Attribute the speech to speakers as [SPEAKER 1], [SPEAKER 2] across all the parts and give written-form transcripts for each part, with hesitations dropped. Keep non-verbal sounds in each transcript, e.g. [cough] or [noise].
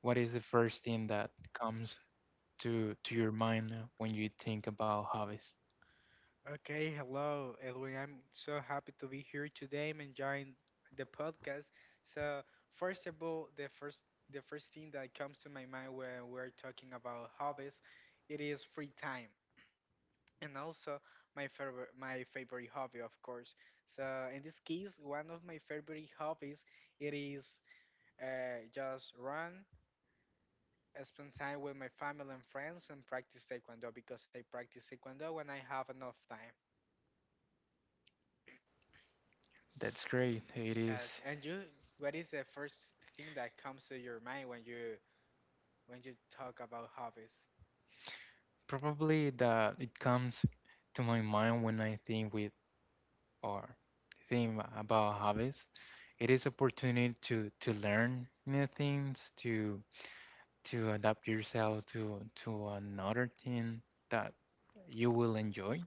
[SPEAKER 1] what is the first thing that comes to your mind when you think about hobbies?
[SPEAKER 2] Okay, hello, Edwin. I'm so happy to be here today. I'm enjoying the podcast. So, first of all, the first thing that comes to my mind when we're talking about hobbies, it is free time, and also my favorite hobby, of course. So, in this case, one of my favorite hobbies it is just run. Spend time with my family and friends and practice Taekwondo because I practice Taekwondo when I have enough time.
[SPEAKER 1] That's great. It
[SPEAKER 2] Yes,
[SPEAKER 1] is
[SPEAKER 2] and you, what is the first thing that comes to your mind when you talk about hobbies?
[SPEAKER 1] probably that it comes to my mind when I think with or think about hobbies. It is opportunity to learn new things, to adapt yourself to another thing that you will enjoy.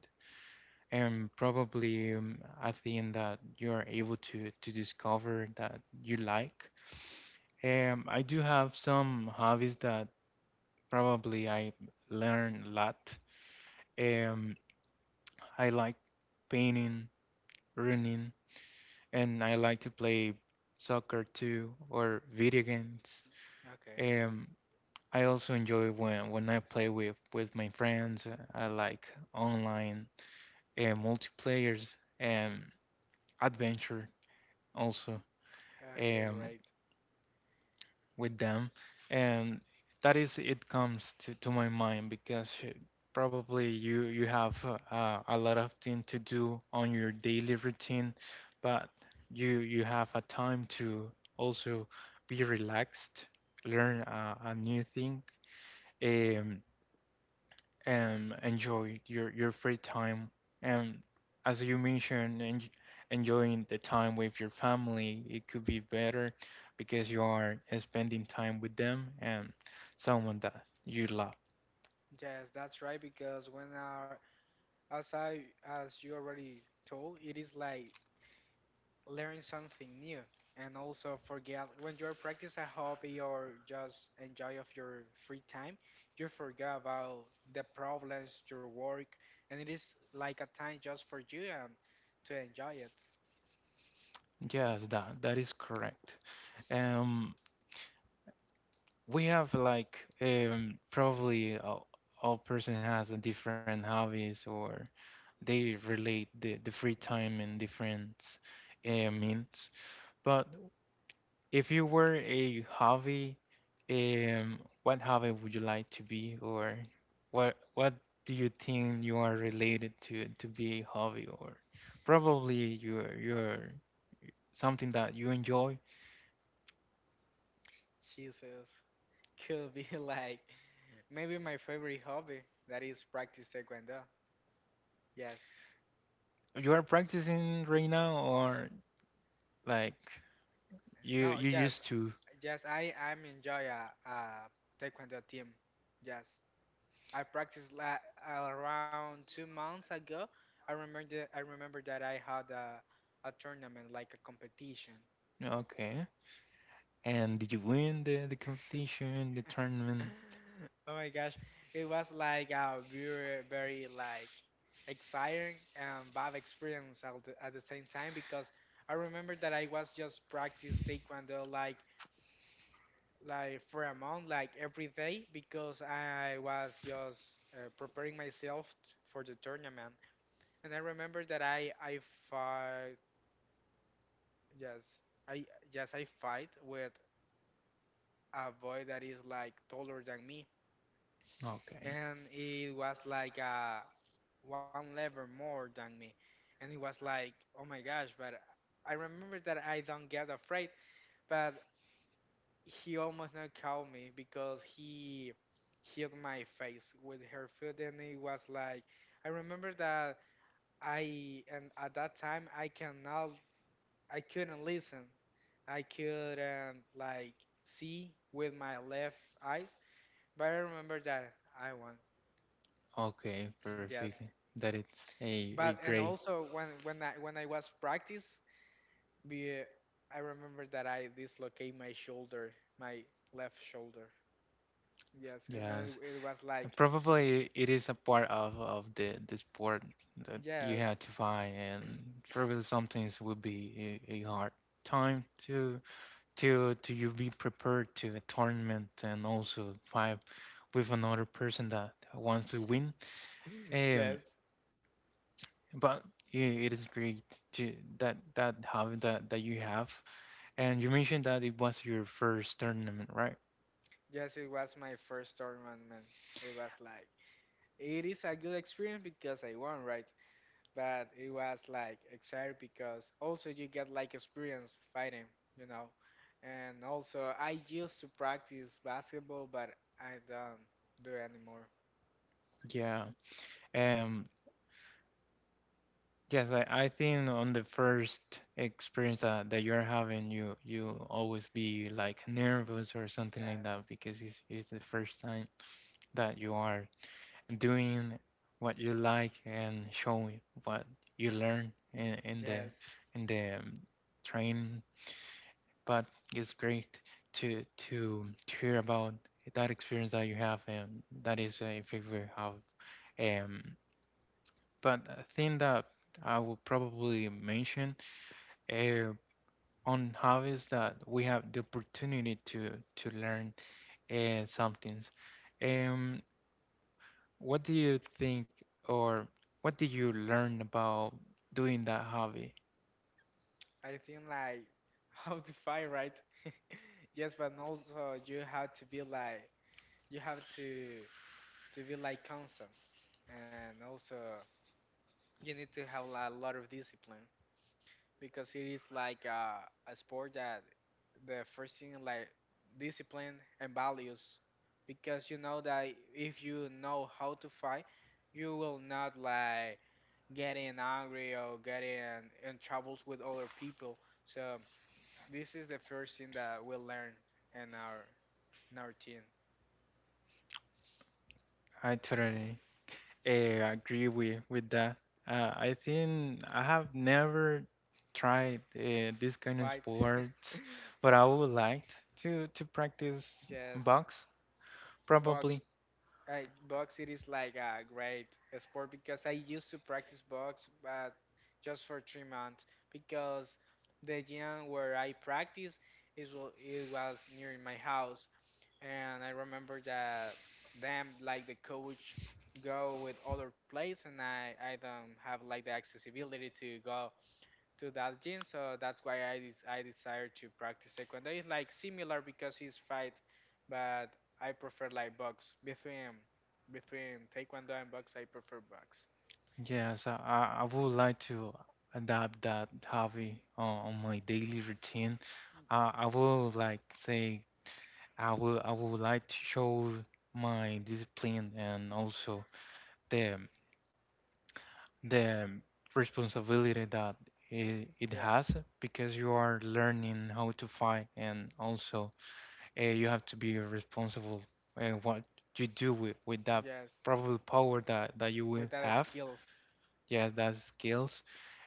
[SPEAKER 1] And probably I think that you are able to discover that you like. I do have some hobbies that probably I learn a lot. Um, I like painting, running, and I like to play soccer too or video games.
[SPEAKER 2] Okay.
[SPEAKER 1] Um, I also enjoy when I play with my friends. I like online and multiplayers and adventure also.
[SPEAKER 2] Okay,
[SPEAKER 1] Um,
[SPEAKER 2] right.
[SPEAKER 1] with them and that is it comes to, my mind because probably you have a lot of thing to do on your daily routine but you have a time to also be relaxed learn a new thing um, enjoy your free time and as you mentioned enjoying the time with your family it could be better because you are spending time with them and someone that you love.
[SPEAKER 2] Yes, that's right because when our as I as you already told, it is like learn something new and also forget when you're practice a hobby or just enjoy of your free time you forget about the problems your work and it is like a time just for you and to enjoy it
[SPEAKER 1] Yes, that is correct. um we have like probably all person has a different hobbies or they relate the free time in different means. But if you were a hobby, what hobby would you like to be, or what do you think you are related to be a hobby, or probably your something that you enjoy,
[SPEAKER 2] jesus could be [laughs] like maybe my favorite hobby that is practice taekwondo yes
[SPEAKER 1] you are practicing right now, or like you
[SPEAKER 2] no yes
[SPEAKER 1] used to?
[SPEAKER 2] yes I'm enjoy a taekwondo team yes I practiced la around 2 months ago. I remember that I had a tournament like a competition.
[SPEAKER 1] Okay. And did you win the competition, the tournament?
[SPEAKER 2] [laughs] Oh my gosh, it was like a very like exciting and bad experience at at the same time because I remember that I was just practice taekwondo like for a month like every day because I was just preparing myself for the tournament and I remember that I fought Yes, I yes I fight with a boy that is like taller than me,
[SPEAKER 1] Okay.
[SPEAKER 2] and he was like one level more than me, and he was like, oh my gosh! But I remember that I don't get afraid, but he almost not caught me because he hit my face with her foot, and it was like, I remember that I and at that time I couldn't listen. I couldn't like see with my left eyes, but I remember that I won.
[SPEAKER 1] Okay,
[SPEAKER 2] [clears throat]
[SPEAKER 1] perfect.
[SPEAKER 2] Yes.
[SPEAKER 1] That is a
[SPEAKER 2] But and
[SPEAKER 1] great.
[SPEAKER 2] also when when I was practice, be- I remember that I dislocate my shoulder, my left shoulder. Yes, and then
[SPEAKER 1] Yes,
[SPEAKER 2] it was
[SPEAKER 1] and
[SPEAKER 2] like
[SPEAKER 1] probably it is a part of, the sport that you
[SPEAKER 2] yes,
[SPEAKER 1] had to find, and probably sometimes will be a hard time to you be prepared to a tournament and also fight with another person that wants to win.
[SPEAKER 2] [laughs]
[SPEAKER 1] Um,
[SPEAKER 2] yes,
[SPEAKER 1] but i- it is great to that that habit that you have. And you mentioned that it was your first tournament, right?
[SPEAKER 2] yes. It was my first tournament. It was like it is a good experience because I won, right? But it was like exciting because also you get like experience fighting, you know. And also I used to practice basketball, but I don't do it anymore.
[SPEAKER 1] Yeah. Um. Yes, I think on the first experience that you're having, you always be like nervous or something like
[SPEAKER 2] Yes,
[SPEAKER 1] that because it's the first time that you are doing what you like and showing what you learn
[SPEAKER 2] yes.
[SPEAKER 1] in the train. But it's great to to to hear about that experience that you have, and that is a favorite of. Um, but a thing that I would probably mention uh, on hobbies that we have the opportunity to learn some things. Um, what do you think, or what did you learn about doing that hobby?
[SPEAKER 2] I think like [laughs] how to fight, right? [laughs] Yes, but also you have to be like you have to be like constant, and also you need to have like, a lot of discipline. Because it is like a sport that the first thing like discipline and values because you know that if you know how to fight you will not like getting angry or getting in troubles with other people so this is the first thing that we learn in our team
[SPEAKER 1] I totally. I agree with that. I think I have never tried this kind of
[SPEAKER 2] fight
[SPEAKER 1] sports,
[SPEAKER 2] [laughs]
[SPEAKER 1] but I would like to practice
[SPEAKER 2] yes
[SPEAKER 1] box
[SPEAKER 2] box
[SPEAKER 1] probably.
[SPEAKER 2] box it is like a great sport because I used to practice box, but just for 3 months because the gym where I practice is it was near my house, and I remember that them like the coach go with other place, and I don't have like the accessibility to go to that gym. So that's why I desire to practice taekwondo. It's like similar because it's fight, but I prefer like box between taekwondo and box. I prefer box.
[SPEAKER 1] Yes, I would like to adapt that hobby on, my daily routine. I would like say I would like to show my discipline and also the the responsibility that it has
[SPEAKER 2] Yes,
[SPEAKER 1] because you are learning how to fight and also you have to be responsible and what you do with, that
[SPEAKER 2] yes,
[SPEAKER 1] probable power that you will
[SPEAKER 2] with that
[SPEAKER 1] have.
[SPEAKER 2] skills.
[SPEAKER 1] Yes, that's skills.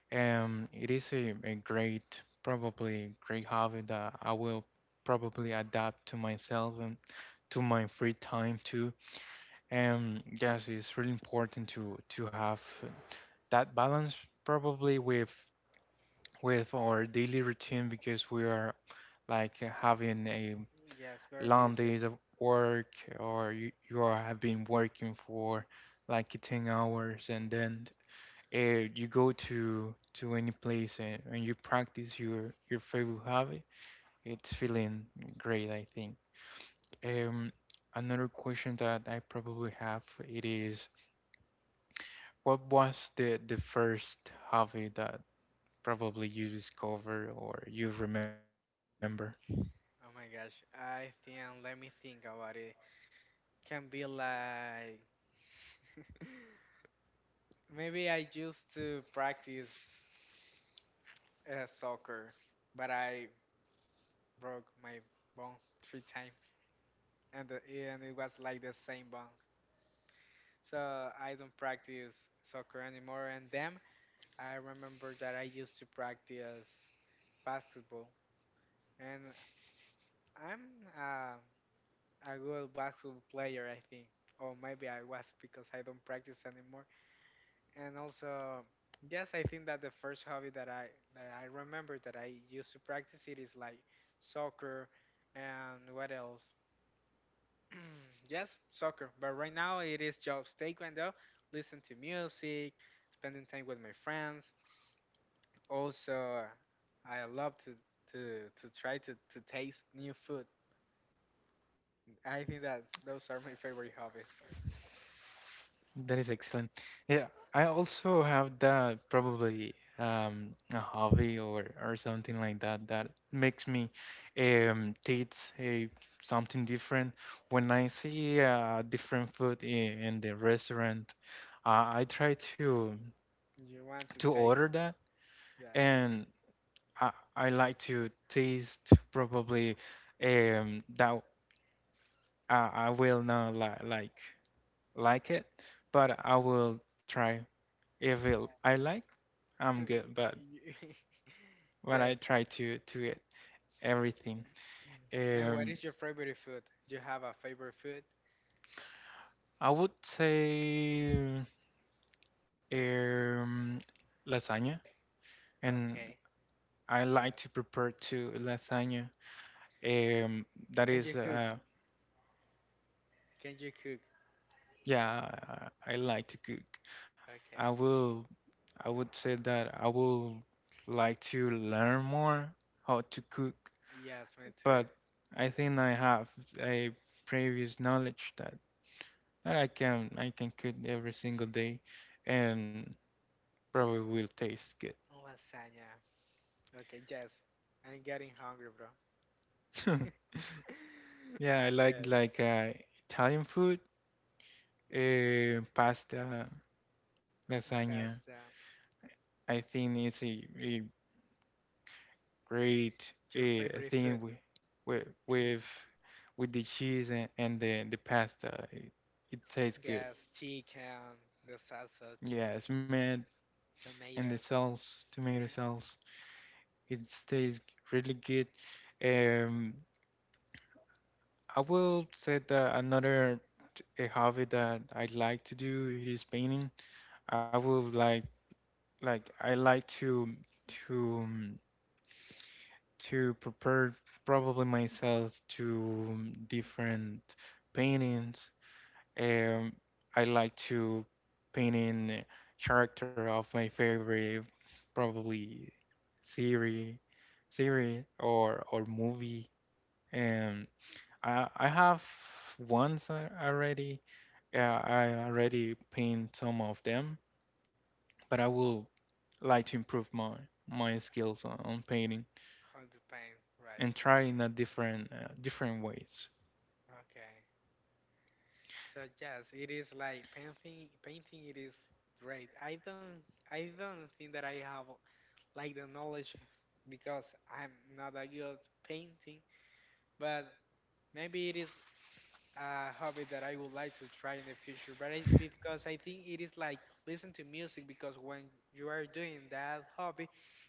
[SPEAKER 1] It is a great, probably great hobby that I will probably adapt to myself and to my free time too. And yes, it's really important to have that balance probably with our daily routine because we are like having a
[SPEAKER 2] Yes, very
[SPEAKER 1] long
[SPEAKER 2] busy.
[SPEAKER 1] days of work or you are, have been working for like 10 hours and then you go to any place and you practice your favorite hobby. It's feeling great. I think um another question that I probably have it is what was the first hobby that probably you discovered or you remember.
[SPEAKER 2] Mhm. Oh my gosh, I think let me think about it. Can be like [laughs] maybe I used to practice soccer, but I broke my bone three times, and it was like the same bone. So I don't practice soccer anymore. And then I remember that I used to practice basketball, and I'm uh, a good basketball player, I think, or maybe I was because I don't practice anymore. And also, yes, I think that the first hobby that I remember that I used to practice it is like soccer, and what else? [clears throat] Yes, soccer. But right now it is just taekwondo, listen to music, spending time with my friends. Also, I love to to try to taste new food. I think that those are my favorite hobbies. [laughs]
[SPEAKER 1] That is excellent. Yeah, I also have that probably a hobby or something like that that makes me taste something different. When I see different food in the restaurant, I try to
[SPEAKER 2] You want to
[SPEAKER 1] order
[SPEAKER 2] taste?
[SPEAKER 1] that,
[SPEAKER 2] Yes.
[SPEAKER 1] and I, I like to taste probably that I will not li like it, but I will try evil I like, I'm
[SPEAKER 2] Yes.
[SPEAKER 1] good. But
[SPEAKER 2] [laughs]
[SPEAKER 1] when I
[SPEAKER 2] Yes.
[SPEAKER 1] try to get everything,
[SPEAKER 2] And what
[SPEAKER 1] um,
[SPEAKER 2] is your favorite food? Do you have a favorite food?
[SPEAKER 1] I would say um, lasagna, and
[SPEAKER 2] Okay.
[SPEAKER 1] I like
[SPEAKER 2] Yes.
[SPEAKER 1] to prepare to lasagna. That
[SPEAKER 2] Can
[SPEAKER 1] is,
[SPEAKER 2] you cook? Can you cook?
[SPEAKER 1] yeah, I like to cook. I
[SPEAKER 2] Okay.
[SPEAKER 1] will, I would say that I will like to learn more how to cook,
[SPEAKER 2] Yes, me too.
[SPEAKER 1] but I think I have a previous knowledge that and I can cook every single day, and probably will taste
[SPEAKER 2] Lasagna. Okay, yes. I'm getting hungry, bro.
[SPEAKER 1] good. [laughs] Yeah, I
[SPEAKER 2] [laughs]
[SPEAKER 1] like
[SPEAKER 2] Yes.
[SPEAKER 1] Italian food, pasta, lasagna.
[SPEAKER 2] Pasta.
[SPEAKER 1] I think it's a great
[SPEAKER 2] Your favorite food?
[SPEAKER 1] thing with with with the cheese and, the pasta. It tastes
[SPEAKER 2] Yes,
[SPEAKER 1] good.
[SPEAKER 2] chicken, the sausage,
[SPEAKER 1] Yeah, it's made and
[SPEAKER 2] tomato.
[SPEAKER 1] the sauce, tomato sauce. It tastes really good. Um, I will say that another a hobby that I like to do is painting. I will like I like to um, prepare probably myself to different paintings. Um, I like to paint in a character of my favorite probably series series or movie. Um, I have ones already. Yeah,
[SPEAKER 2] Okay,
[SPEAKER 1] I already paint some of them, but I will like to improve my skills on, painting
[SPEAKER 2] hot paint, right?
[SPEAKER 1] and try in a different different ways.
[SPEAKER 2] Okay. So yes, it is like painting. Painting, it is great. I don't think that I have like the knowledge because I'm not a good painting. But maybe it is a hobby that I would like to try in the future, but because I think it is like listen to music because when you are doing that hobby,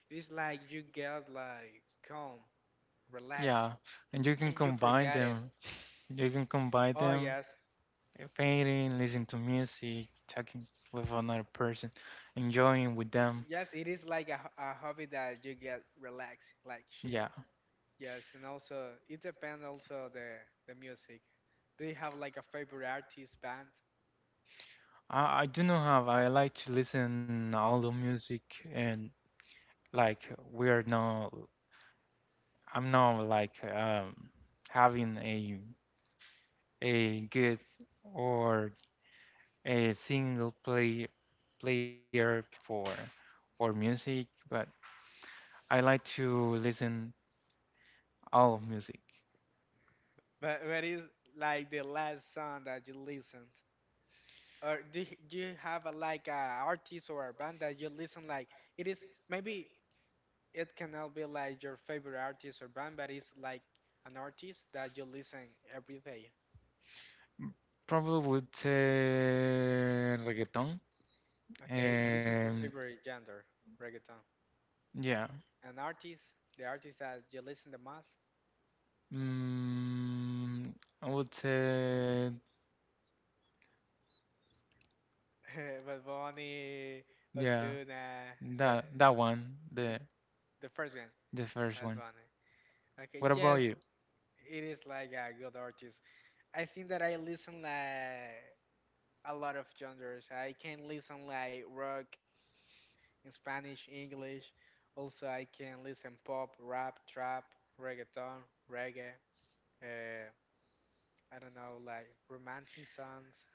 [SPEAKER 2] it is like you get like calm, relax,
[SPEAKER 1] Yeah, and you can
[SPEAKER 2] and you
[SPEAKER 1] combine
[SPEAKER 2] forget it.
[SPEAKER 1] them. You can combine
[SPEAKER 2] Oh
[SPEAKER 1] them,
[SPEAKER 2] yes,
[SPEAKER 1] painting, listening to music, talking with another person, enjoying with
[SPEAKER 2] I-
[SPEAKER 1] them.
[SPEAKER 2] yes, it is like a hobby that you get relaxed, like
[SPEAKER 1] Yeah,
[SPEAKER 2] chill. Yes, and also it depends also the music. Do you have like a favorite artist band?
[SPEAKER 1] I do not have. I like to listen all the music and like we are not I'm not like having a good or a single play player for music, but I like to listen all of music.
[SPEAKER 2] But what is like the last song that you listened? Or do do you have a, like a artist or a band that you listen like it is maybe it cannot be like your favorite artist or band, but it's like an artist that you listen every day.
[SPEAKER 1] Probably would say reggaeton.
[SPEAKER 2] Okay, this is your
[SPEAKER 1] And
[SPEAKER 2] favorite genre, reggaeton.
[SPEAKER 1] yeah.
[SPEAKER 2] An artist, the artist that you listen the most,
[SPEAKER 1] Mm, I would say
[SPEAKER 2] [laughs] Bad Bunny,
[SPEAKER 1] yeah,
[SPEAKER 2] Ozuna, the
[SPEAKER 1] that one, the
[SPEAKER 2] [laughs] the first one,
[SPEAKER 1] first
[SPEAKER 2] Bad
[SPEAKER 1] one.
[SPEAKER 2] Bunny. Okay,
[SPEAKER 1] What about
[SPEAKER 2] yes,
[SPEAKER 1] you?
[SPEAKER 2] it is like a good artist. I think that I listen like a lot of genres. I can listen like rock, Spanish, English. Also, I can listen pop, rap, trap, reggaeton, reggae. Uh, I don't know, like romantic songs,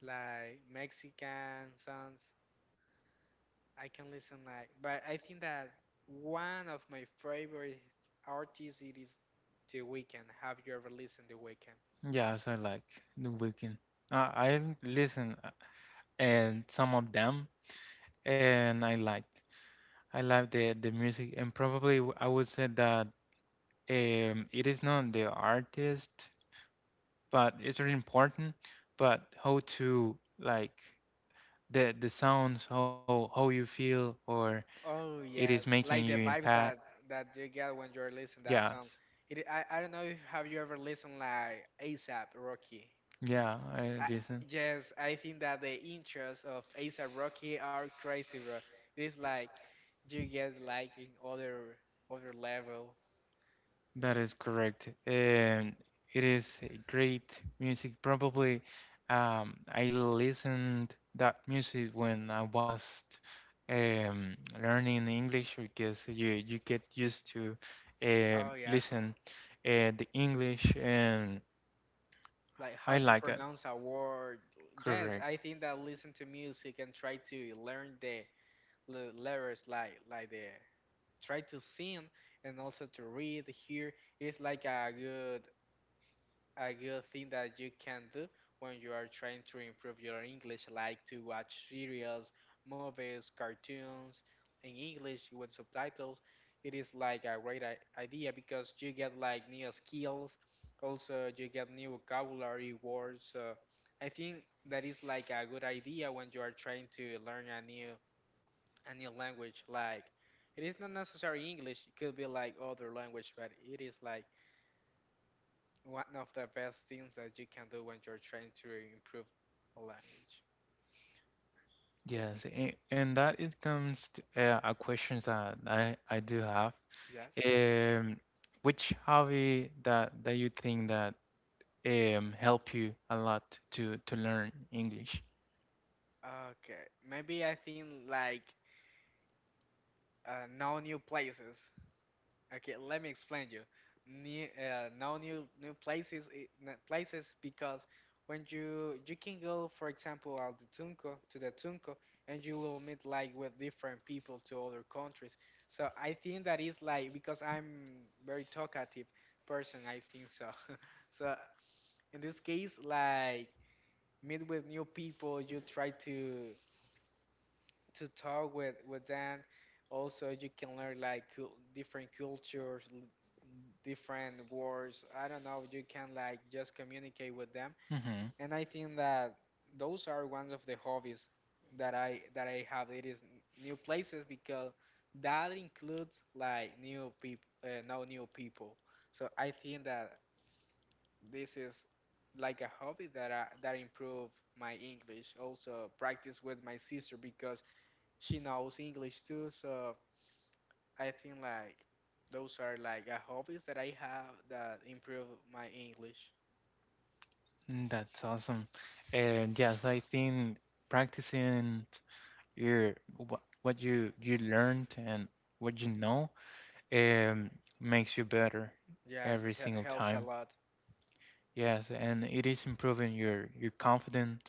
[SPEAKER 2] like Mexican songs. I can listen like, but I think that one of my favorite artists it is The Weeknd. Have you ever listened The Weeknd?
[SPEAKER 1] Yes, I like The Weeknd. I listen and some of them, and I liked. I like the music, and probably I would say that it is not the artist, but it's really important. But how to like the sounds, how you feel, or
[SPEAKER 2] Oh
[SPEAKER 1] it is
[SPEAKER 2] yes,
[SPEAKER 1] making you
[SPEAKER 2] like the vibes
[SPEAKER 1] impact.
[SPEAKER 2] that you get when you're listening that song.
[SPEAKER 1] Yes,
[SPEAKER 2] I don't know if have you ever listened like ASAP Rocky.
[SPEAKER 1] yeah, I
[SPEAKER 2] I,
[SPEAKER 1] listen.
[SPEAKER 2] yes, I think that the intros of ASAP Rocky are crazy, bro. It is like you get like in other level.
[SPEAKER 1] That is correct. And it is a great music. Probably I listened that music when I was um, learning English because you get used to
[SPEAKER 2] Oh yes,
[SPEAKER 1] listen the English and
[SPEAKER 2] like how
[SPEAKER 1] I
[SPEAKER 2] to
[SPEAKER 1] like it.
[SPEAKER 2] pronounce a word. Yes, I
[SPEAKER 1] Correct.
[SPEAKER 2] think that listen to music and try to learn the letters like the try to sing and also to read here. It is like a good thing that you can do when you are trying to improve your English, like to watch serials, movies, cartoons in English with subtitles. It is like a great idea because you get like new skills, also you get new vocabulary words. So I think that is like a good idea when you are trying to learn a new language like it is not necessarily English it could be like other language but it is like one of the best things that you can do when you're trying to improve a language
[SPEAKER 1] Yes, and that it comes to a questions that I do have.
[SPEAKER 2] yes
[SPEAKER 1] Um, which hobby that you think that help you a lot to learn English?
[SPEAKER 2] okay maybe I think like know new places Okay, let me explain you. New, no new places because when you can go, for example, al the Tunco to the Tunco, and you will meet like with different people to other countries. So I think that is like because I'm very talkative person. I think so. [laughs] So in this case, like meet with new people, you try to talk with them. Also, you can learn like cul different cultures, different wars. I don't know. You can like just communicate with them,
[SPEAKER 1] Mm-hmm.
[SPEAKER 2] and I think that those are one of the hobbies that I have. It is new places because that includes like new people, no new people. So I think that this is like a hobby that improve my English. Also practice with my sister because she knows English too, so I think like those are like a hobbies that I have that improve my English.
[SPEAKER 1] That's awesome. And yes, I think practicing your what you learned and what you know um makes you better
[SPEAKER 2] Yes,
[SPEAKER 1] every single
[SPEAKER 2] helps a
[SPEAKER 1] time.
[SPEAKER 2] lot.
[SPEAKER 1] Yes, and it is improving your confidence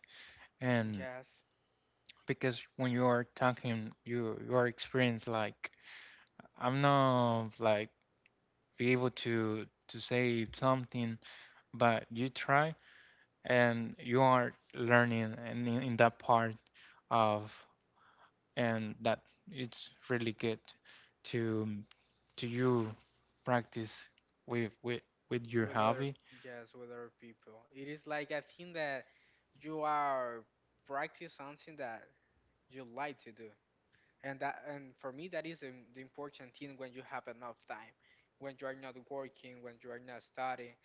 [SPEAKER 1] and
[SPEAKER 2] Yes,
[SPEAKER 1] because when you are talking you are experienced like I'm not like be able to say something, but you try and you are learning and in that part of and that it's really good to you practice with your
[SPEAKER 2] with other
[SPEAKER 1] hobby.
[SPEAKER 2] yes with other people. It is like a thing that you are practice something that you like to do, and that and for me that is the important thing when you have enough time, when you are not working, when you are not studying.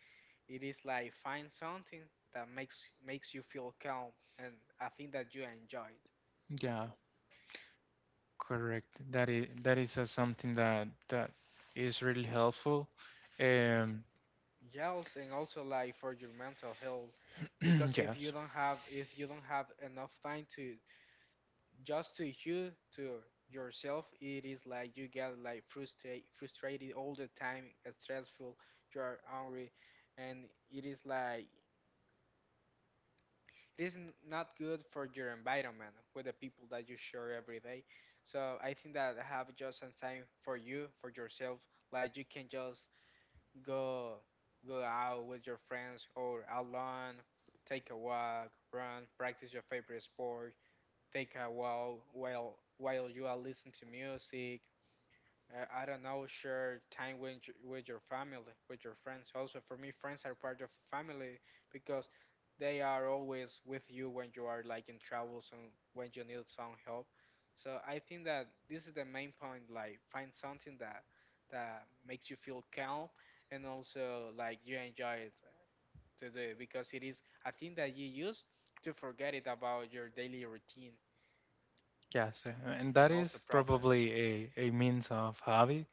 [SPEAKER 2] It is like find something that makes you feel calm and a thing that you enjoyed.
[SPEAKER 1] Yeah, correct. That is something that is really helpful. Um,
[SPEAKER 2] Yes, and also like for your mental health, because
[SPEAKER 1] [clears throat] yes.
[SPEAKER 2] if you don't have enough time to just to you to yourself, it is like you get like frustrated all the time, stressful, you are angry, and it is like it is not good for your environment with the people that you share every day. So I think that have just some time for you, for yourself. Like you can just go go out with your friends or alone, take a walk, run, practice your favorite sport, take a while you are listening to music, I don't know, share time with your family, with your friends. Also, for me, friends are part of family because they are always with you when you are like in travels and when you need some help. So I think that this is the main point. Like, find something that makes you feel calm and also like you enjoy it to do because it is a thing that you use to forget it about your daily routine
[SPEAKER 1] Yes, and
[SPEAKER 2] and
[SPEAKER 1] that
[SPEAKER 2] also
[SPEAKER 1] is
[SPEAKER 2] problems.
[SPEAKER 1] probably a means of hobby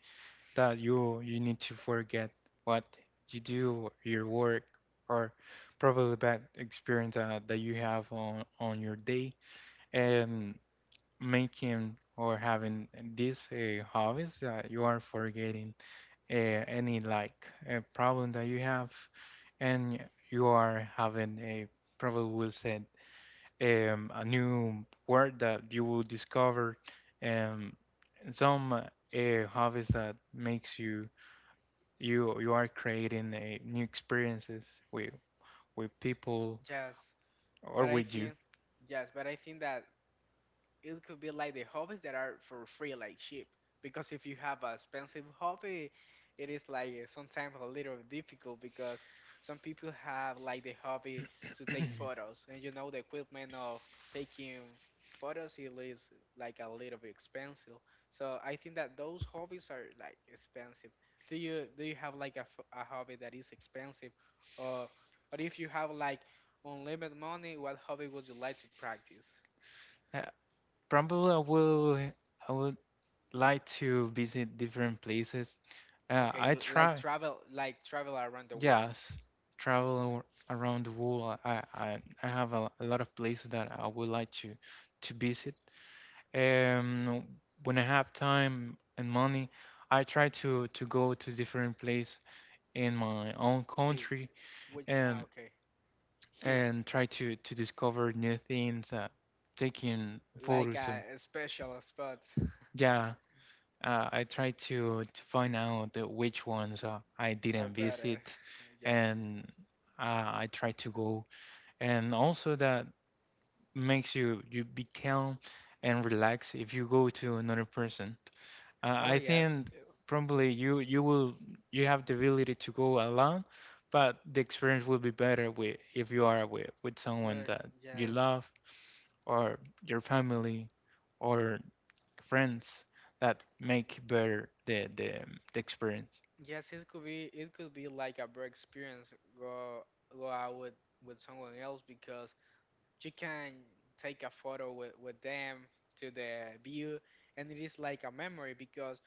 [SPEAKER 1] that you need to forget what you do, your work, or probably bad experience that you have on your day, and making or having these hobbies that you are forgetting uh, any like problem that you have, and you are having a probably will say a new word that you will discover, um, and some hobbies that makes you are creating a new experiences with people
[SPEAKER 2] Yes.
[SPEAKER 1] or
[SPEAKER 2] But I
[SPEAKER 1] with you.
[SPEAKER 2] think, yes, but I think that it could be like the hobbies that are for free, like cheap. Because if you have a expensive hobby, it is like sometimes a little difficult because some people have like the hobby to take photos, and you know the equipment of taking photos it is like a little bit expensive. So I think that those hobbies are like expensive. Do you have like a hobby that is expensive, or or if you have like unlimited money, what hobby would you like to practice?
[SPEAKER 1] Uh, Probably I would like to visit different places.
[SPEAKER 2] Okay,
[SPEAKER 1] I try
[SPEAKER 2] like travel around the world,
[SPEAKER 1] yes travel around the world. I have a lot of places that I would like to visit. Um, when I have time and money, I try to go to different place in my own
[SPEAKER 2] to
[SPEAKER 1] country
[SPEAKER 2] which? Ah,
[SPEAKER 1] and
[SPEAKER 2] okay, here,
[SPEAKER 1] try to discover new things, taking
[SPEAKER 2] like
[SPEAKER 1] photos of
[SPEAKER 2] special spots
[SPEAKER 1] yeah, I try to find out which ones I
[SPEAKER 2] are
[SPEAKER 1] didn't
[SPEAKER 2] better. [laughs]
[SPEAKER 1] visit,
[SPEAKER 2] Yes.
[SPEAKER 1] and I try to go. And also that makes you become and relax if you go to another person.
[SPEAKER 2] Oh
[SPEAKER 1] I
[SPEAKER 2] yes.
[SPEAKER 1] think probably you have the ability to go alone, but the experience will be better with if you are with someone
[SPEAKER 2] Well,
[SPEAKER 1] that you
[SPEAKER 2] yes,
[SPEAKER 1] love or your family or friends that make better the experience.
[SPEAKER 2] yes. It could be like a better experience. Go out with someone else because you can take a photo with them to the view, and it is like a memory because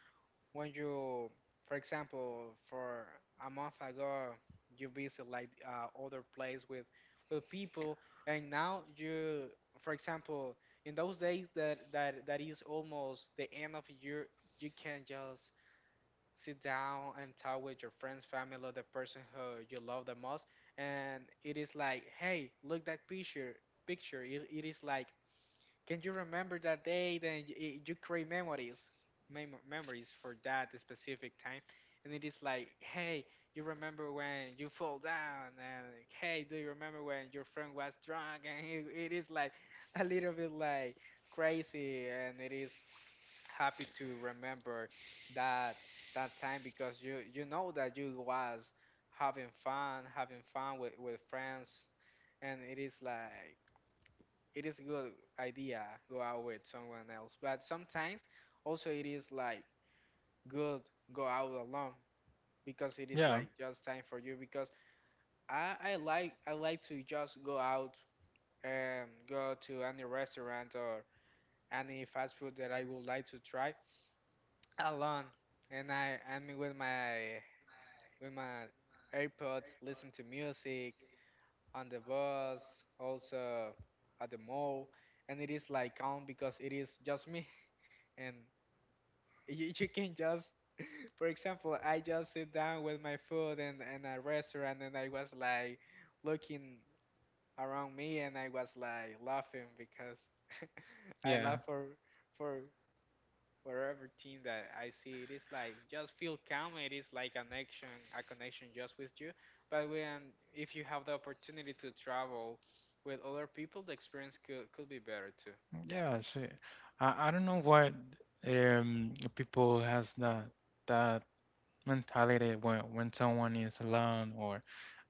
[SPEAKER 2] when you, for example, for a month ago, you visit like other place with people, and now you, for example, in those days that is almost the end of year, you can just sit down and talk with your friends, family, or the person who you love the most, and it is like, hey, look that picture. It is like, can you remember that day? Then you create memories, memories for that specific time, and it is like, hey, you remember when you fall down, and hey, do you remember when your friend was drunk? And it is like a little bit like crazy, and it is happy to remember that that time because you know that you was having fun with friends, and it is like it is a good idea go out with someone else, but sometimes also it is like good go out alone because it is
[SPEAKER 1] Yeah,
[SPEAKER 2] like just time for you, because I like to just go out and go to any restaurant or any fast food that I would like to try alone, and I mean with my AirPods, listen to music on the bus, also at the mall, and it is like calm because it is just me and. You can just, [laughs] for example, I just sit down with my food in a restaurant, and I was like looking around me, and I was like laughing because [laughs] I
[SPEAKER 1] yeah,
[SPEAKER 2] laugh for for everything that I see. It is like just feel calm. It is like an action, a connection just with you. But when if you have the opportunity to travel with other people, the experience could be better too. Yes,
[SPEAKER 1] yeah. So I don't know why people has that mentality when someone is alone or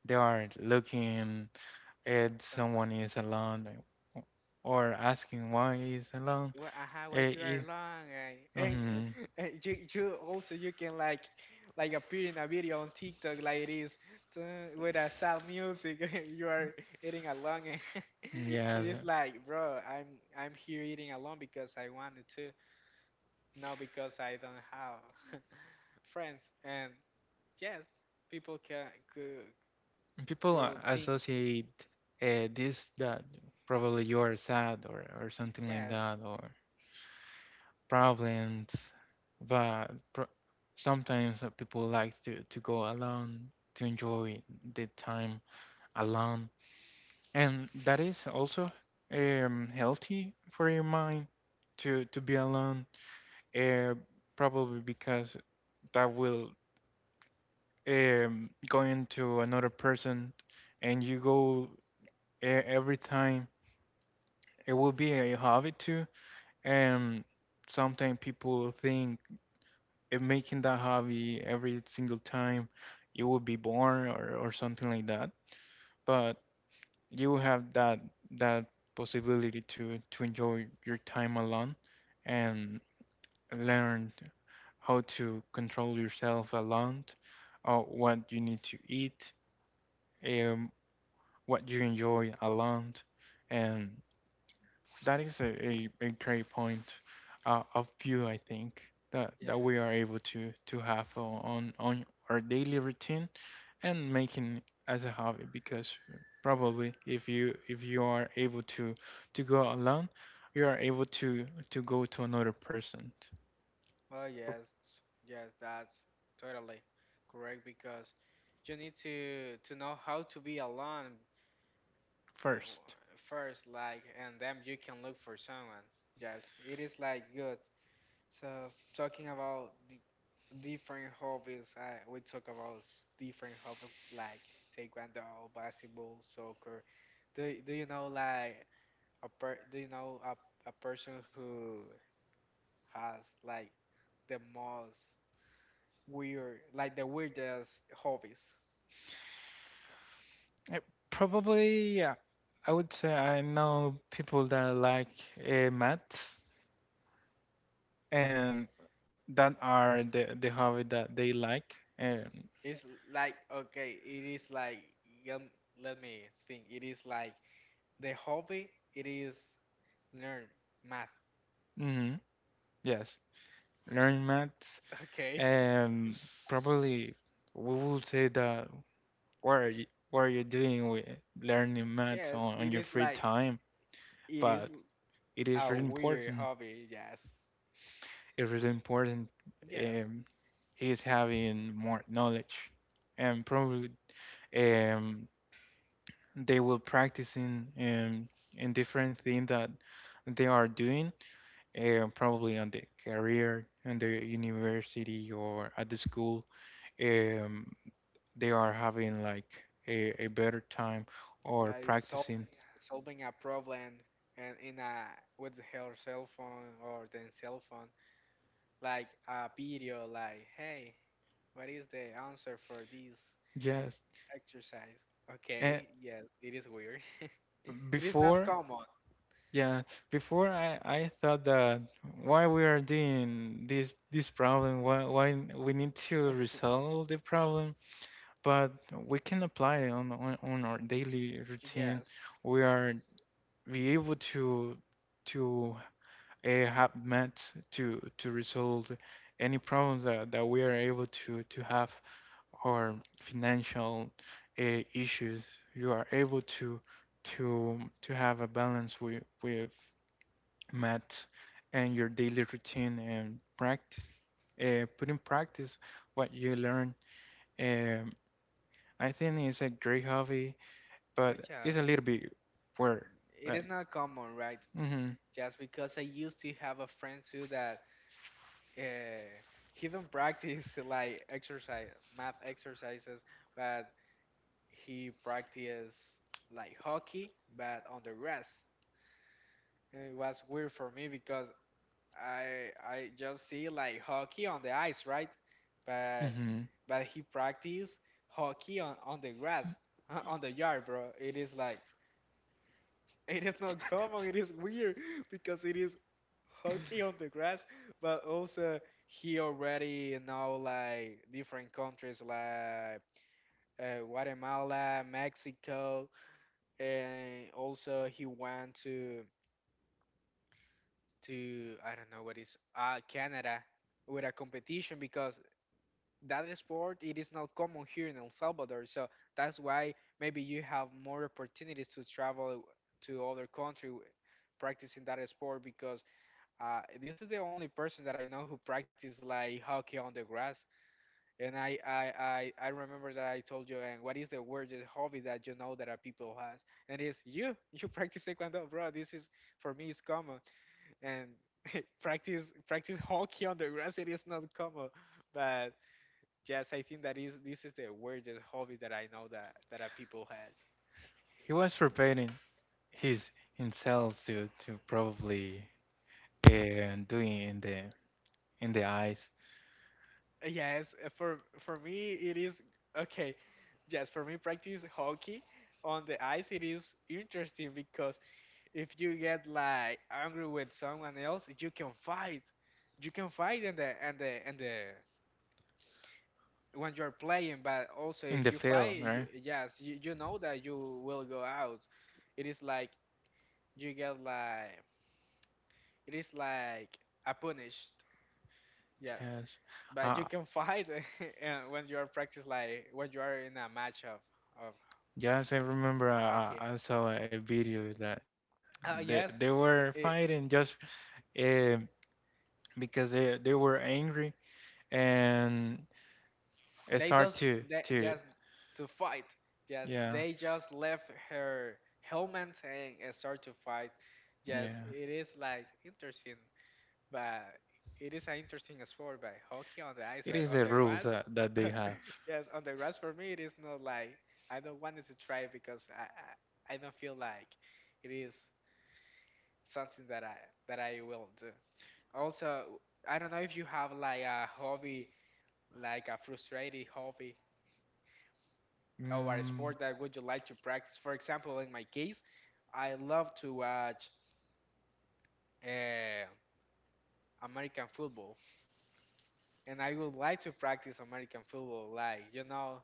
[SPEAKER 1] they are looking
[SPEAKER 2] for
[SPEAKER 1] at
[SPEAKER 2] someone.
[SPEAKER 1] someone is alone like, or asking why is alone.
[SPEAKER 2] Well, aha, what
[SPEAKER 1] Eh,
[SPEAKER 2] you are
[SPEAKER 1] eh,
[SPEAKER 2] long, right? And,
[SPEAKER 1] mhm.
[SPEAKER 2] [laughs] and you also you can like appear in a video on TikTok, like this, with a sad music. [laughs] You are eating along. And [laughs] it
[SPEAKER 1] Yes,
[SPEAKER 2] is like, bro, I'm here eating alone because I wanted to, not because I don't have [laughs] friends. And yes, people can could
[SPEAKER 1] people
[SPEAKER 2] could think
[SPEAKER 1] associate this that probably you're sad or something like
[SPEAKER 2] yes,
[SPEAKER 1] that or problems but sometimes people like to go alone to enjoy the time alone, and that is also healthy for your mind to be alone, uh, probably because that will go into another person and you go every time it will be a hobby too, and sometimes people think making that hobby every single time it will be boring or something like that, but you have that possibility to enjoy your time alone and learn how to control yourself alone or what you need to eat, um, what you enjoy alone, and that is a great point of view I think that
[SPEAKER 2] yes.
[SPEAKER 1] we are able to have on on our daily routine and making as a hobby, because probably if you are able to go alone, you are able to go to another person
[SPEAKER 2] Oh
[SPEAKER 1] pr-
[SPEAKER 2] yes, yes, that's totally correct because you need to know how to be alone, uh,
[SPEAKER 1] first.
[SPEAKER 2] w- first, like, and then you can look for someone. Yes, it is like good. So talking about the different hobbies, I we talk about different hobbies like taekwondo, basketball, soccer. Do do you know like do you know a person who has like the most weird, like the weirdest hobbies?
[SPEAKER 1] Uh,
[SPEAKER 2] F-
[SPEAKER 1] Probably yeah, I would say I know people that like maths, and that are the hobby that they like, and
[SPEAKER 2] It's like okay, it is like um, let me think. It is like the hobby. It is learn math.
[SPEAKER 1] mhm, yes, learn maths.
[SPEAKER 2] [laughs] Okay.
[SPEAKER 1] And
[SPEAKER 2] [laughs]
[SPEAKER 1] probably we will say that what are you doing with learning math
[SPEAKER 2] Yes,
[SPEAKER 1] on
[SPEAKER 2] it
[SPEAKER 1] your
[SPEAKER 2] is
[SPEAKER 1] free
[SPEAKER 2] like
[SPEAKER 1] time?
[SPEAKER 2] it is
[SPEAKER 1] But it is
[SPEAKER 2] a
[SPEAKER 1] really
[SPEAKER 2] weird
[SPEAKER 1] important.
[SPEAKER 2] hobby. Yes,
[SPEAKER 1] It's really important.
[SPEAKER 2] yes,
[SPEAKER 1] Um, is having more knowledge, and probably um, they will practicing in different things that they are doing, probably on the career, on the university, or at the school. Um, they are having like a better time or
[SPEAKER 2] like sol
[SPEAKER 1] practicing.
[SPEAKER 2] solving a problem and in a with her cell phone or the cell phone. Like a video like, hey, what is the answer for this
[SPEAKER 1] Yes.
[SPEAKER 2] exercise?
[SPEAKER 1] And
[SPEAKER 2] Okay, yes, it is weird. [laughs] It is not
[SPEAKER 1] before,
[SPEAKER 2] common.
[SPEAKER 1] yeah, before I thought that why we are doing this problem, why we need to
[SPEAKER 2] [laughs]
[SPEAKER 1] resolve the problem, but we can apply it on, on our daily routine.
[SPEAKER 2] Yes.
[SPEAKER 1] We are be able to have met to resolve any problems that we are able to have. Or financial issues, you are able to have a balance with math and your daily routine and practice. Put in practice what you learn. Um, I think it's a great hobby,
[SPEAKER 2] Oh
[SPEAKER 1] but it's
[SPEAKER 2] yes,
[SPEAKER 1] a little bit weird.
[SPEAKER 2] it is
[SPEAKER 1] Like,
[SPEAKER 2] not common, right?
[SPEAKER 1] hmm
[SPEAKER 2] Just because I used to have a friend too that, uh, he not practice like exercise math exercises, but he practiced like hockey but on the grass, and it was weird for me because I just see like hockey on the ice, right? But
[SPEAKER 1] hmm,
[SPEAKER 2] but he practice hockey on the grass, [laughs] on the yard, bro. It is like [laughs] it is not common. It is weird [laughs] because it is hockey on the grass. But also he already know like different countries like, Guatemala, Mexico, and also he went to I don't know what is Canada with a competition because that sport it is not common here in El Salvador. So that's why maybe you have more opportunities to travel to other country, practicing that sport, because this is the only person that I know who practice like hockey on the grass. And I remember that I told you. And what is the weirdest hobby that you know that a people has, and it's you? [laughs] You practice taekwondo, bro. This is for me it's common, and [laughs] practice hockey on the grass it is not common. But yes, I think that is this is the weirdest hobby that I know that a people has.
[SPEAKER 1] he was preparing his himself to probably doing in the eyes.
[SPEAKER 2] Yes, for me it is okay. Yes, for me practice hockey on the ice it is interesting because if you get like angry with someone else, you can fight. You can fight in the and the and the when you're playing, but also
[SPEAKER 1] In
[SPEAKER 2] if
[SPEAKER 1] the
[SPEAKER 2] you
[SPEAKER 1] film,
[SPEAKER 2] fight, you,
[SPEAKER 1] right?
[SPEAKER 2] yes, you know that you will go out. It is like you get like it is like a punished. Yes.
[SPEAKER 1] Yes.
[SPEAKER 2] But you
[SPEAKER 1] Uh,
[SPEAKER 2] can fight. [laughs] When you are practice, like when you are in a match of
[SPEAKER 1] yes, I remember
[SPEAKER 2] hockey.
[SPEAKER 1] I saw a video that
[SPEAKER 2] Yes,
[SPEAKER 1] they were
[SPEAKER 2] it,
[SPEAKER 1] fighting just uh, because they were angry and
[SPEAKER 2] they
[SPEAKER 1] start
[SPEAKER 2] just
[SPEAKER 1] to
[SPEAKER 2] they
[SPEAKER 1] to
[SPEAKER 2] just to fight. Yes,
[SPEAKER 1] yeah,
[SPEAKER 2] they just left her helmet and start to fight. Yes,
[SPEAKER 1] yeah,
[SPEAKER 2] it is like interesting, but it is an interesting sport. But hockey on the ice,
[SPEAKER 1] it
[SPEAKER 2] but
[SPEAKER 1] is
[SPEAKER 2] on
[SPEAKER 1] the
[SPEAKER 2] the
[SPEAKER 1] rules
[SPEAKER 2] grass,
[SPEAKER 1] that they have.
[SPEAKER 2] yes, on the grass for me, it is not like I don't want it to try because I, I don't feel like it is something that I will do. Also, I don't know if you have like a hobby, like a frustrating hobby or a
[SPEAKER 1] Mm,
[SPEAKER 2] sport that would you like to practice. For example, in my case, I love to watch, uh, American football, and I would like to practice American football. Like you know,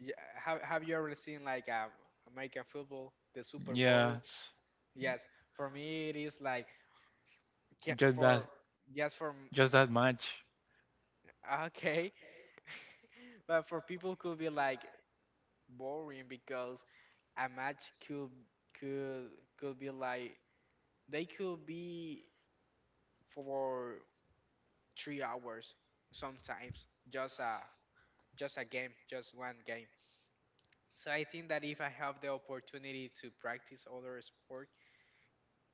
[SPEAKER 2] y- have you ever seen like, American football, the
[SPEAKER 1] like
[SPEAKER 2] Super Bowl?
[SPEAKER 1] yes,
[SPEAKER 2] Yes, for me it is like ca-
[SPEAKER 1] just that,
[SPEAKER 2] for yes
[SPEAKER 1] just
[SPEAKER 2] for
[SPEAKER 1] that
[SPEAKER 2] m-
[SPEAKER 1] much.
[SPEAKER 2] okay, [laughs] but for people could be like boring because a match could could be like they could be for 3 hours sometimes, just a game, just one game. So I think that if I have the opportunity to practice other sport,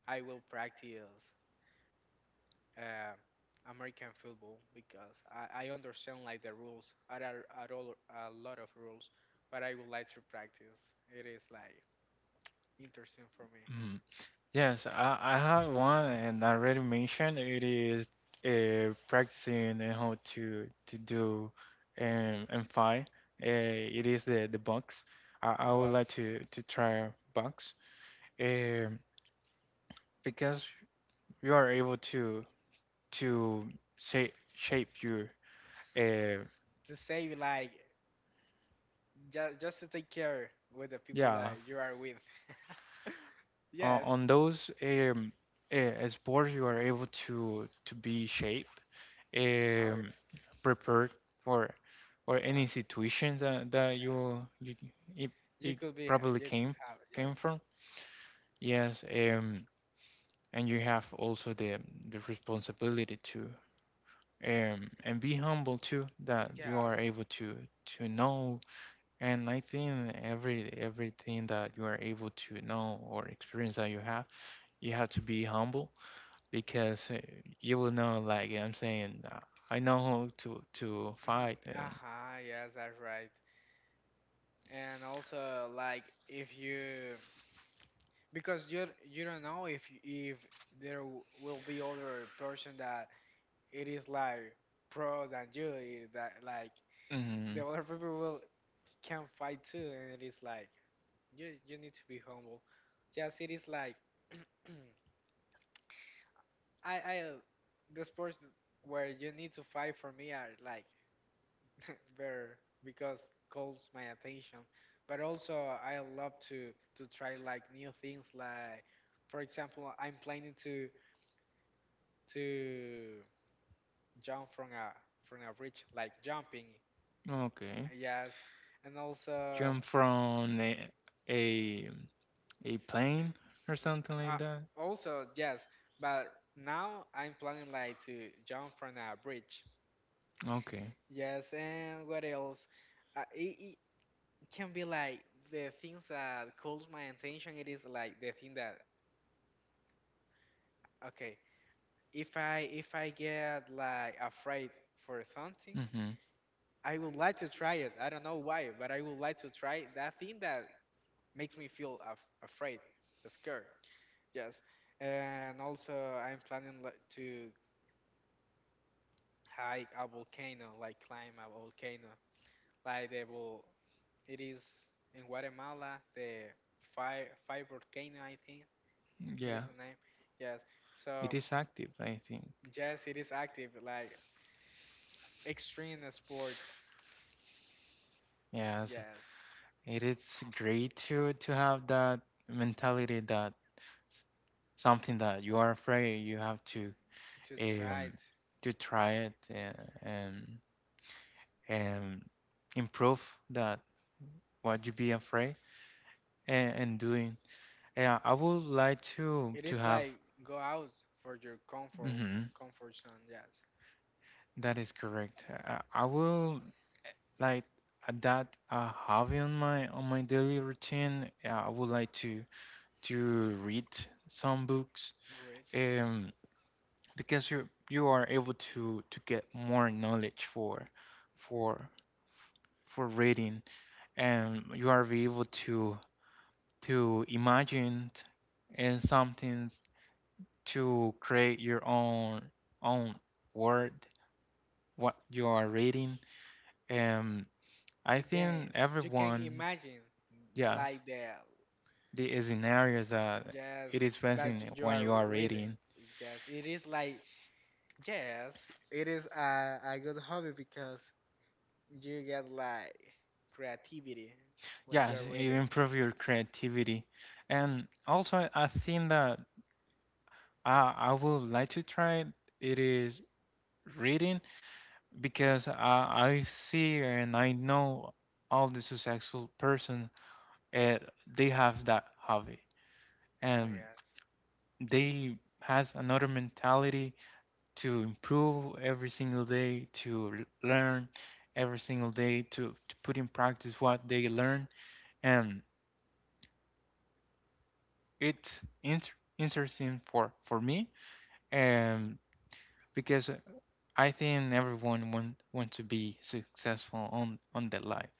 [SPEAKER 2] I will practice uh, American football because I understand like the rules. There are a lot of rules, but I would like to practice. It is like interesting for me.
[SPEAKER 1] Mhm. Yes, I have one, and I already mentioned it is practicing and how to do and fight. It is the box. I would like
[SPEAKER 2] Bugs
[SPEAKER 1] to try box um, because you are able to shape your uh,
[SPEAKER 2] to save like just to take care with the people
[SPEAKER 1] yeah,
[SPEAKER 2] that you are with. [laughs]
[SPEAKER 1] on,
[SPEAKER 2] Yes.
[SPEAKER 1] those sports you are able to be shaped,
[SPEAKER 2] Oh
[SPEAKER 1] um, prepared for or
[SPEAKER 2] yeah.
[SPEAKER 1] any
[SPEAKER 2] Fine.
[SPEAKER 1] situation that
[SPEAKER 2] Yes.
[SPEAKER 1] you it,
[SPEAKER 2] You
[SPEAKER 1] it
[SPEAKER 2] could be.
[SPEAKER 1] probably
[SPEAKER 2] You could
[SPEAKER 1] came
[SPEAKER 2] have.
[SPEAKER 1] came
[SPEAKER 2] Yes.
[SPEAKER 1] from yes, and you have also the responsibility to and be humble too, that you are
[SPEAKER 2] Yes.
[SPEAKER 1] able to know. And I think everything that you are able to know or experience that you have, you have to be humble, because you will know like I'm saying, I know how to fight
[SPEAKER 2] [clears throat]
[SPEAKER 1] and
[SPEAKER 2] Uh-huh, yes, that's right. And also, like, if you because you don't know if there will be other person that it is like pro than you, that like the
[SPEAKER 1] mhm,
[SPEAKER 2] other people will can fight too, and it is like you need to be humble, just it is like [clears throat] I the sports where you need to fight for me are like [laughs] better because calls my attention. But also I love to try like new things, like for example I'm planning to jump from a bridge, like jumping.
[SPEAKER 1] okay,
[SPEAKER 2] Yes, and also,
[SPEAKER 1] jump from a a plane or something
[SPEAKER 2] uh,
[SPEAKER 1] like that,
[SPEAKER 2] also yes. But now I'm planning like to jump from a bridge.
[SPEAKER 1] okay,
[SPEAKER 2] Yes, and what else? Uh, it, it can be like the things that calls my attention. It is like the thing that, okay, if I get like afraid for something,
[SPEAKER 1] hmm,
[SPEAKER 2] I would like to try it. I don't know why, but I would like to try that thing that makes me feel afraid, scared. Yes, and also I'm planning to hike a volcano, like climb a volcano, like the will. It is in Guatemala, the five volcano I think it
[SPEAKER 1] yeah,
[SPEAKER 2] is the name. Yes,
[SPEAKER 1] it
[SPEAKER 2] so
[SPEAKER 1] is active. I think
[SPEAKER 2] yes, it is active, like extreme sports.
[SPEAKER 1] yes,
[SPEAKER 2] Yes,
[SPEAKER 1] it is great to have that mentality that s- something that you are afraid, you have to
[SPEAKER 2] to try
[SPEAKER 1] um
[SPEAKER 2] it.
[SPEAKER 1] try it, and and improve that what you be afraid and doing. Yeah, I would like to
[SPEAKER 2] It
[SPEAKER 1] to
[SPEAKER 2] is
[SPEAKER 1] have.
[SPEAKER 2] like go out for your comfort
[SPEAKER 1] Mhm,
[SPEAKER 2] comfort zone. Yes,
[SPEAKER 1] that is correct. I will like that I have on my daily routine. Yeah, I would like to read some books.
[SPEAKER 2] Marit.
[SPEAKER 1] Um, because you are able to get more knowledge for for reading, and you are be able to imagine and something to create your own own word what you are reading. And I think
[SPEAKER 2] Yes, you can
[SPEAKER 1] everyone
[SPEAKER 2] imagine
[SPEAKER 1] yes
[SPEAKER 2] like the
[SPEAKER 1] the scenarios that
[SPEAKER 2] just
[SPEAKER 1] it is
[SPEAKER 2] that
[SPEAKER 1] facing
[SPEAKER 2] you
[SPEAKER 1] when
[SPEAKER 2] are
[SPEAKER 1] you are
[SPEAKER 2] reading.
[SPEAKER 1] reading,
[SPEAKER 2] Yes, it is like, yes, it is a good hobby because you get like creativity when you are
[SPEAKER 1] yes, it
[SPEAKER 2] reading.
[SPEAKER 1] improve your creativity. And also I think that I would like to try it is reading, because I see and I know all the successful persons, uh, they have that hobby
[SPEAKER 2] Oh
[SPEAKER 1] and
[SPEAKER 2] yes.
[SPEAKER 1] they has another mentality to improve every single day to learn every single day to put in practice what they learn. And it's interesting for me, and because I think everyone want to be successful on their life,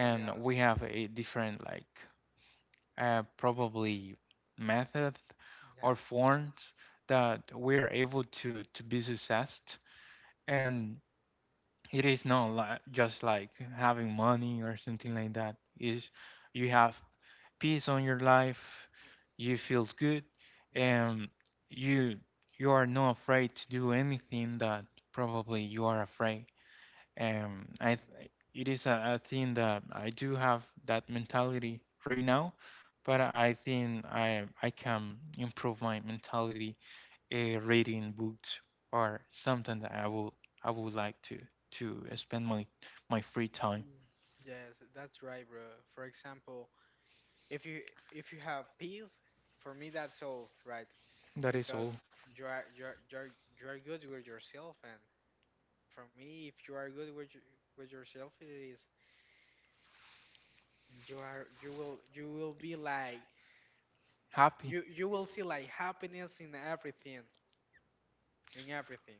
[SPEAKER 2] Oh yes.
[SPEAKER 1] we have a different like probably methods or
[SPEAKER 2] Yeah.
[SPEAKER 1] forms that we are able to be successed. And it is not like just like having money or something like that, is you have peace on your life, you feel good
[SPEAKER 2] Yes.
[SPEAKER 1] and you you are not afraid to do
[SPEAKER 2] Mm,
[SPEAKER 1] anything that probably you are afraid. It is a thing that I do have that mentality right now, but I think I can improve my mentality reading books or something that I would like to
[SPEAKER 2] mm,
[SPEAKER 1] spend my free time.
[SPEAKER 2] mm. Yes, that's right, bro. For example, If you if you have peace, for me that's all right,
[SPEAKER 1] That is all.
[SPEAKER 2] because you are you are you are, you are good with yourself, and for me, if you are good with your- with yourself, it is you are you will be like
[SPEAKER 1] Happy.
[SPEAKER 2] you will see like happiness in everything, in everything.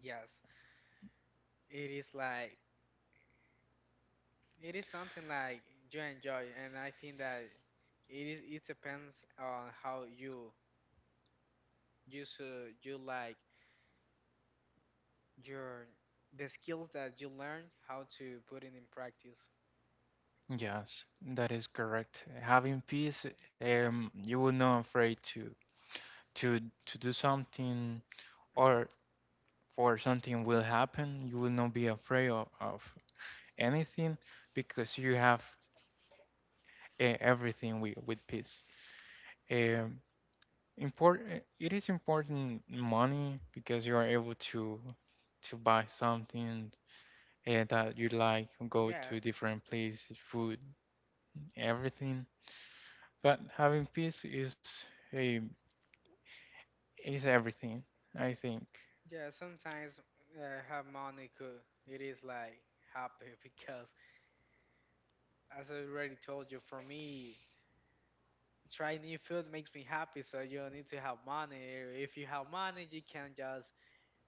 [SPEAKER 2] Yes, it is like it is something like you enjoy, and I think that it depends on how you should you like your the skills that you learn, how to put it in practice.
[SPEAKER 1] Yes, that is correct. Having peace, you will not afraid to to do something or for something will happen. You will not be afraid of anything because you have everything with, peace. Um, Important, it is important money because you are able to buy something that you like, go to
[SPEAKER 2] Yes,
[SPEAKER 1] different places, food, everything. But having peace is a is everything, I think.
[SPEAKER 2] yeah. Sometimes harmonica it is like happy [laughs] because, as I already told you, for me, try new food makes me happy. So you don't need to have money. If you have money, you can just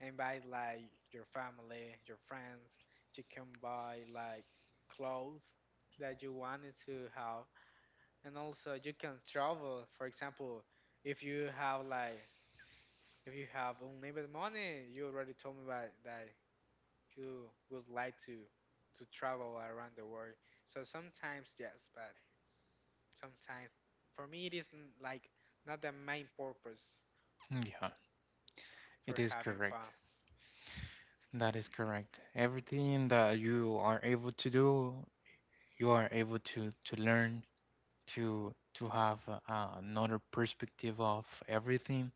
[SPEAKER 2] invite like your family, your friends. You can buy like clothes that you wanted to have, and also you can travel. For example, if you have like if you have unlimited money, you already told me about that you would like to travel around the world. So sometimes yes, but sometimes for me it isn't like not the main purpose
[SPEAKER 1] Yeah, it
[SPEAKER 2] for
[SPEAKER 1] is
[SPEAKER 2] having
[SPEAKER 1] correct.
[SPEAKER 2] fun.
[SPEAKER 1] That is correct. Everything that you are able to do, you are able to learn, to have another perspective of everything.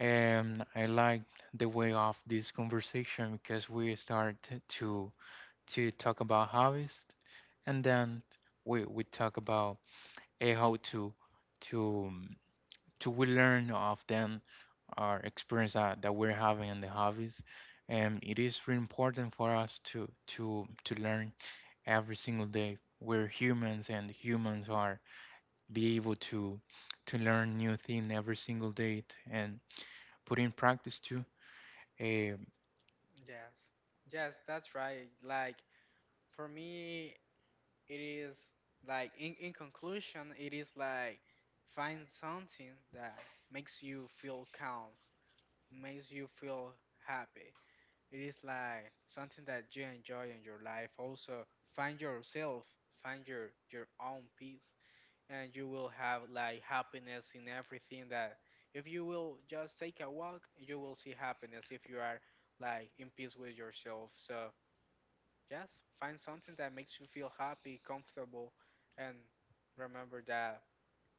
[SPEAKER 1] And I like the way of this conversation, because we start to to talk about hobbies, and then we talk about how to to um, we learn of them our experience that we're having in the hobbies. And it is really important for us to learn every single day. We're humans, and humans are be able to learn new thing every single day and put in practice too. Um,
[SPEAKER 2] Yes. Yes, that's right. Like for me it is like, in conclusion, it is like find something that makes you feel calm, makes you feel happy. It is like something that you enjoy in your life. Also, find yourself, find your own peace, and you will have like happiness in everything that. If you will just take a walk, you will see happiness if you are like in peace with yourself. So just find something that makes you feel happy, comfortable, and remember that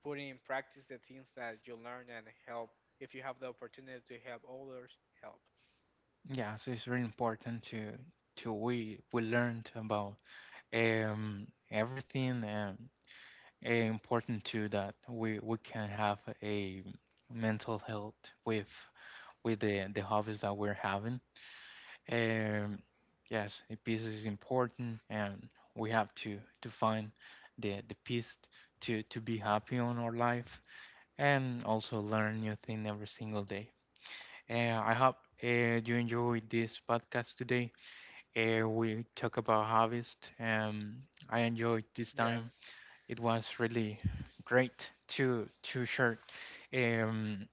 [SPEAKER 2] putting in practice the things that you learn and help. If you have the opportunity to help others, help.
[SPEAKER 1] yeah, so it's very important to we learned about everything, and important too that we can have a mental health with the hobbies that we're having. Um, yes, the peace is important, and we have to find the peace to be happy on our life, and also learn new thing every single day. I hope uh, you enjoyed this podcast today. We talk about harvest. I enjoyed this time.
[SPEAKER 2] Yes.
[SPEAKER 1] It was really great to share um,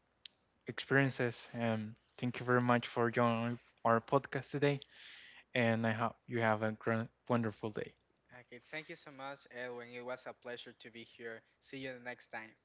[SPEAKER 2] Thank,
[SPEAKER 1] experiences. Thank you very much for joining our podcast today, and I hope you have a grand, wonderful day.
[SPEAKER 2] okay, thank you so much, Edwin. It was a pleasure to be here. See you the next time.